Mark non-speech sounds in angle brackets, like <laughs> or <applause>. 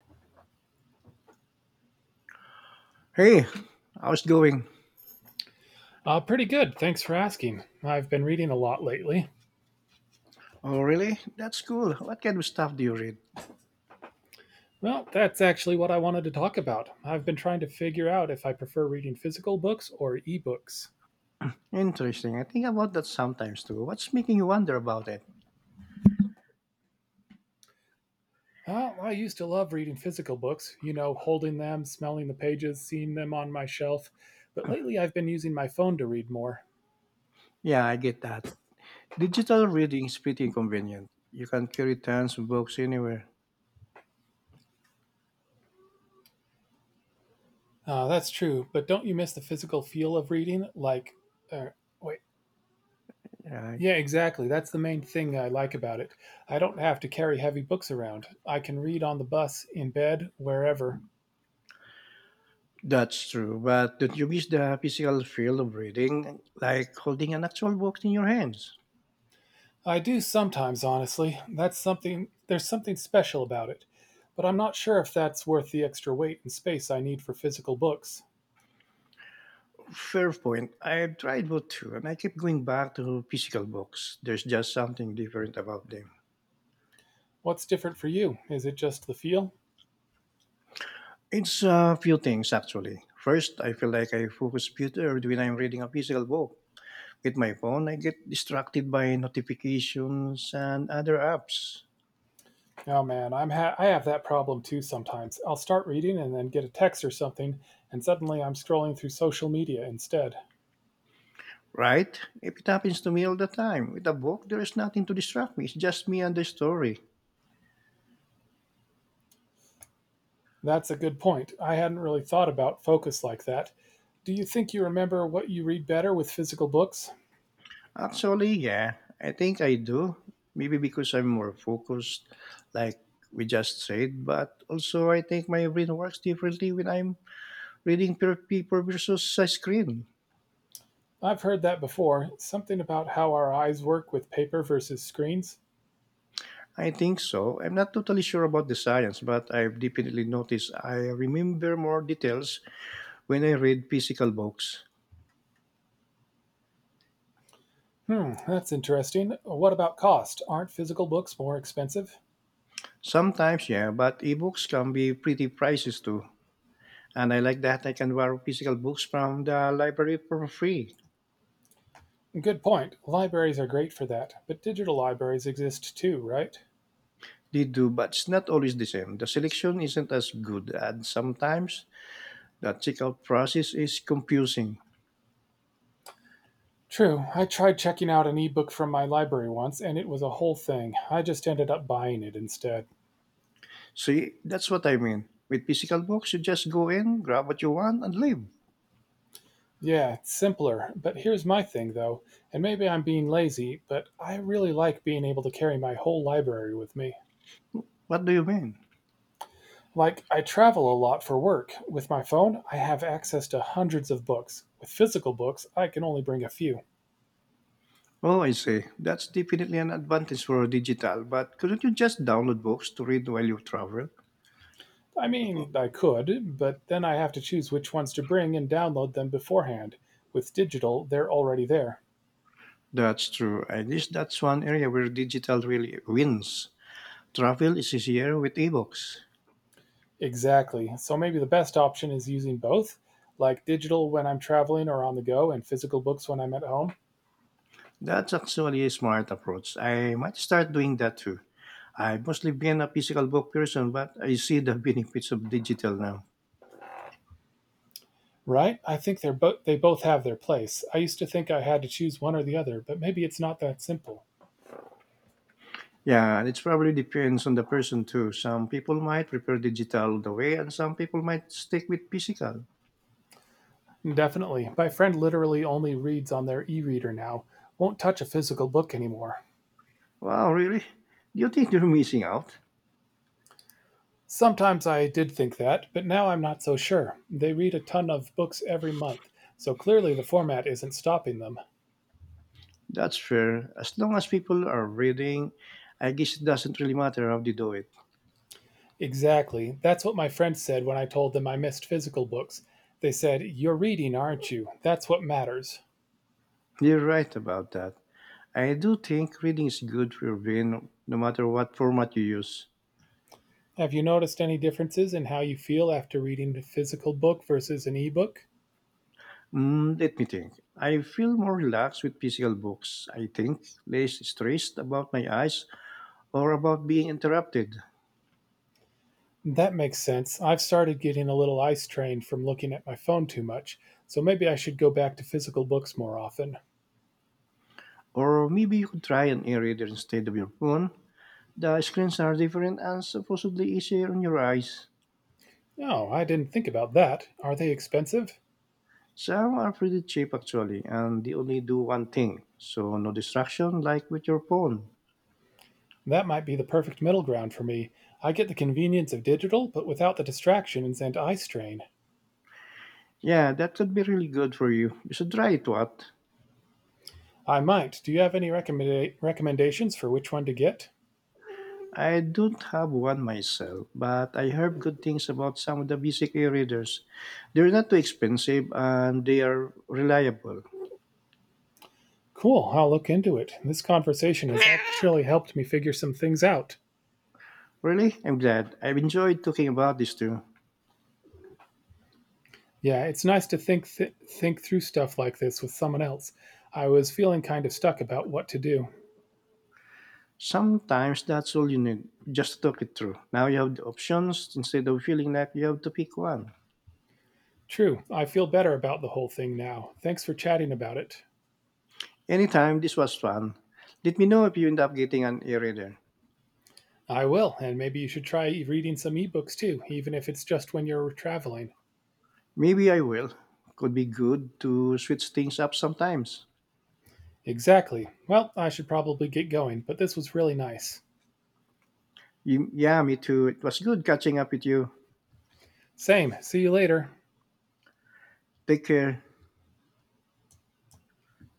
Hey, how's it going? Pretty good. Thanks for asking. I've been reading a lot lately. Oh, really? That's cool. What kind of stuff do you read? Well, that's actually what I wanted to talk about. I've been trying to figure out if I prefer reading physical books or ebooks. Interesting. I think about that sometimes too. What's making you wonder about it? Oh, I used to love reading physical books, you know, holding them, smelling the pages, seeing them on my shelf, but <clears throat> lately I've been using my phone to read more. Yeah, I get that. Digital reading is pretty convenient. You can carry tons of books anywhere. That's true, but don't you miss the physical feel of reading? Like, uh, wait, Yeah, yeah, exactly. That's the main thing I like about it. I don't have to carry heavy books around. I can read on the bus, in bed, wherever. that's true. But don't you miss the physical feel of reading, like holding an actual book in your hands? I do sometimes, honestly. There's something special about it. But I'm not sure if that's worth the extra weight and space I need for physical books. Fair point. I've tried both too, and I keep going back to physical books. There's just something different about them. What's different for you? Is it just the feel? It's a few things actually. First, I feel like I focus better when I'm reading a physical book. With my phone, I get distracted by notifications and other apps. Oh man, I have that problem too sometimes. I'll start reading and then get a text or something, and suddenly I'm scrolling through social media instead. Right? If it happens to me all the time, with a book, there is nothing to distract me. It's just me and the story. That's a good point. I hadn't really thought about focus like that. Do you think you remember what you read better with physical books? Actually, yeah, I think I do. Maybe because I'm more focused, like we just said, but also I think my brain works differently when I'm reading pure paper versus a screen. I've heard that before. Something about how our eyes work with paper versus screens. I think so. I'm not totally sure about the science, but I've definitely noticed I remember more details when I read physical books. Hmm, that's interesting. What about cost? Aren't physical books more expensive? Sometimes, yeah, but ebooks can be pretty prices too. And I like that I can borrow physical books from the library for free. Good point. Libraries are great for that, but digital libraries exist too, right? They do, but it's not always the same. The selection isn't as good, and sometimes the checkout process is confusing. True. I tried checking out an ebook from my library once, and it was a whole thing. I just ended up buying it instead. See, that's what I mean. With physical books, you just go in, grab what you want, and leave. Yeah, it's simpler. But here's my thing, though, and maybe I'm being lazy, but I really like being able to carry my whole library with me. What do you mean? Like, I travel a lot for work. With my phone, I have access to hundreds of books. With physical books, I can only bring a few. Oh, I see. That's definitely an advantage for digital, but couldn't you just download books to read while you travel? I mean, I could, but then I have to choose which ones to bring and download them beforehand. With digital, they're already there. That's true. I guess that's one area where digital really wins. Travel is easier with ebooks. Exactly. So maybe the best option is using both, like digital when I'm traveling or on the go, and physical books when I'm at home. That's actually a smart approach. I might start doing that too. I've mostly been a physical book person, but I see the <laughs> benefits of digital now. Right? I think they both have their place. I used to think I had to choose one or the other, but maybe it's not that simple. Yeah, and it probably depends on the person too. Some people might prefer digital the way, and some people might stick with physical. Definitely. My friend literally only reads on their e-reader now. Won't touch a physical book anymore. Wow, really? Do you think they're missing out? Sometimes I did think that, but now I'm not so sure. They read a ton of books every month, so clearly the format isn't stopping them. That's fair. As long as people are reading, I guess it doesn't really matter how they do it. Exactly. That's what my friend said when I told them I missed physical books. They said, "You're reading, aren't you? That's what matters." You're right about that. I do think reading is good for your brain no matter what format you use. Have you noticed any differences in how you feel after reading the physical book versus an ebook? Let me think. I feel more relaxed with physical books. I think less stressed about my eyes or about being interrupted. That makes sense. I've started getting a little eye strain from looking at my phone too much, so maybe I should go back to physical books more often. Or maybe you could try an e-reader instead of your phone. The screens are different and supposedly easier on your eyes. Oh, I didn't think about that. Are they expensive? Some are pretty cheap actually, and they only do one thing, so no distraction like with your phone. That might be the perfect middle ground for me. I get the convenience of digital, but without the distractions and eye strain. Yeah, that could be really good for you. You should try it, what? I might. Do you have any recommendations for which one to get? I don't have one myself, but I heard good things about some of the basic e-readers. They're not too expensive and they are reliable. Cool, I'll look into it. This conversation has actually helped me figure some things out. Really, I'm glad. I've enjoyed talking about this too. Yeah, it's nice to think through stuff like this with someone else. I was feeling kind of stuck about what to do. Sometimes that's all you need, just to talk it through. Now you have the options instead of feeling like you have to pick one. True, I feel better about the whole thing now. Thanks for chatting about it. Anytime, this was fun. Let me know if you end up getting an e-reader. I will, and maybe you should try reading some ebooks too, even if it's just when you're traveling. Maybe I will. Could be good to switch things up sometimes. Exactly. Well, I should probably get going, but this was really nice. You, yeah, me too. It was good catching up with you. Same. See you later. Take care.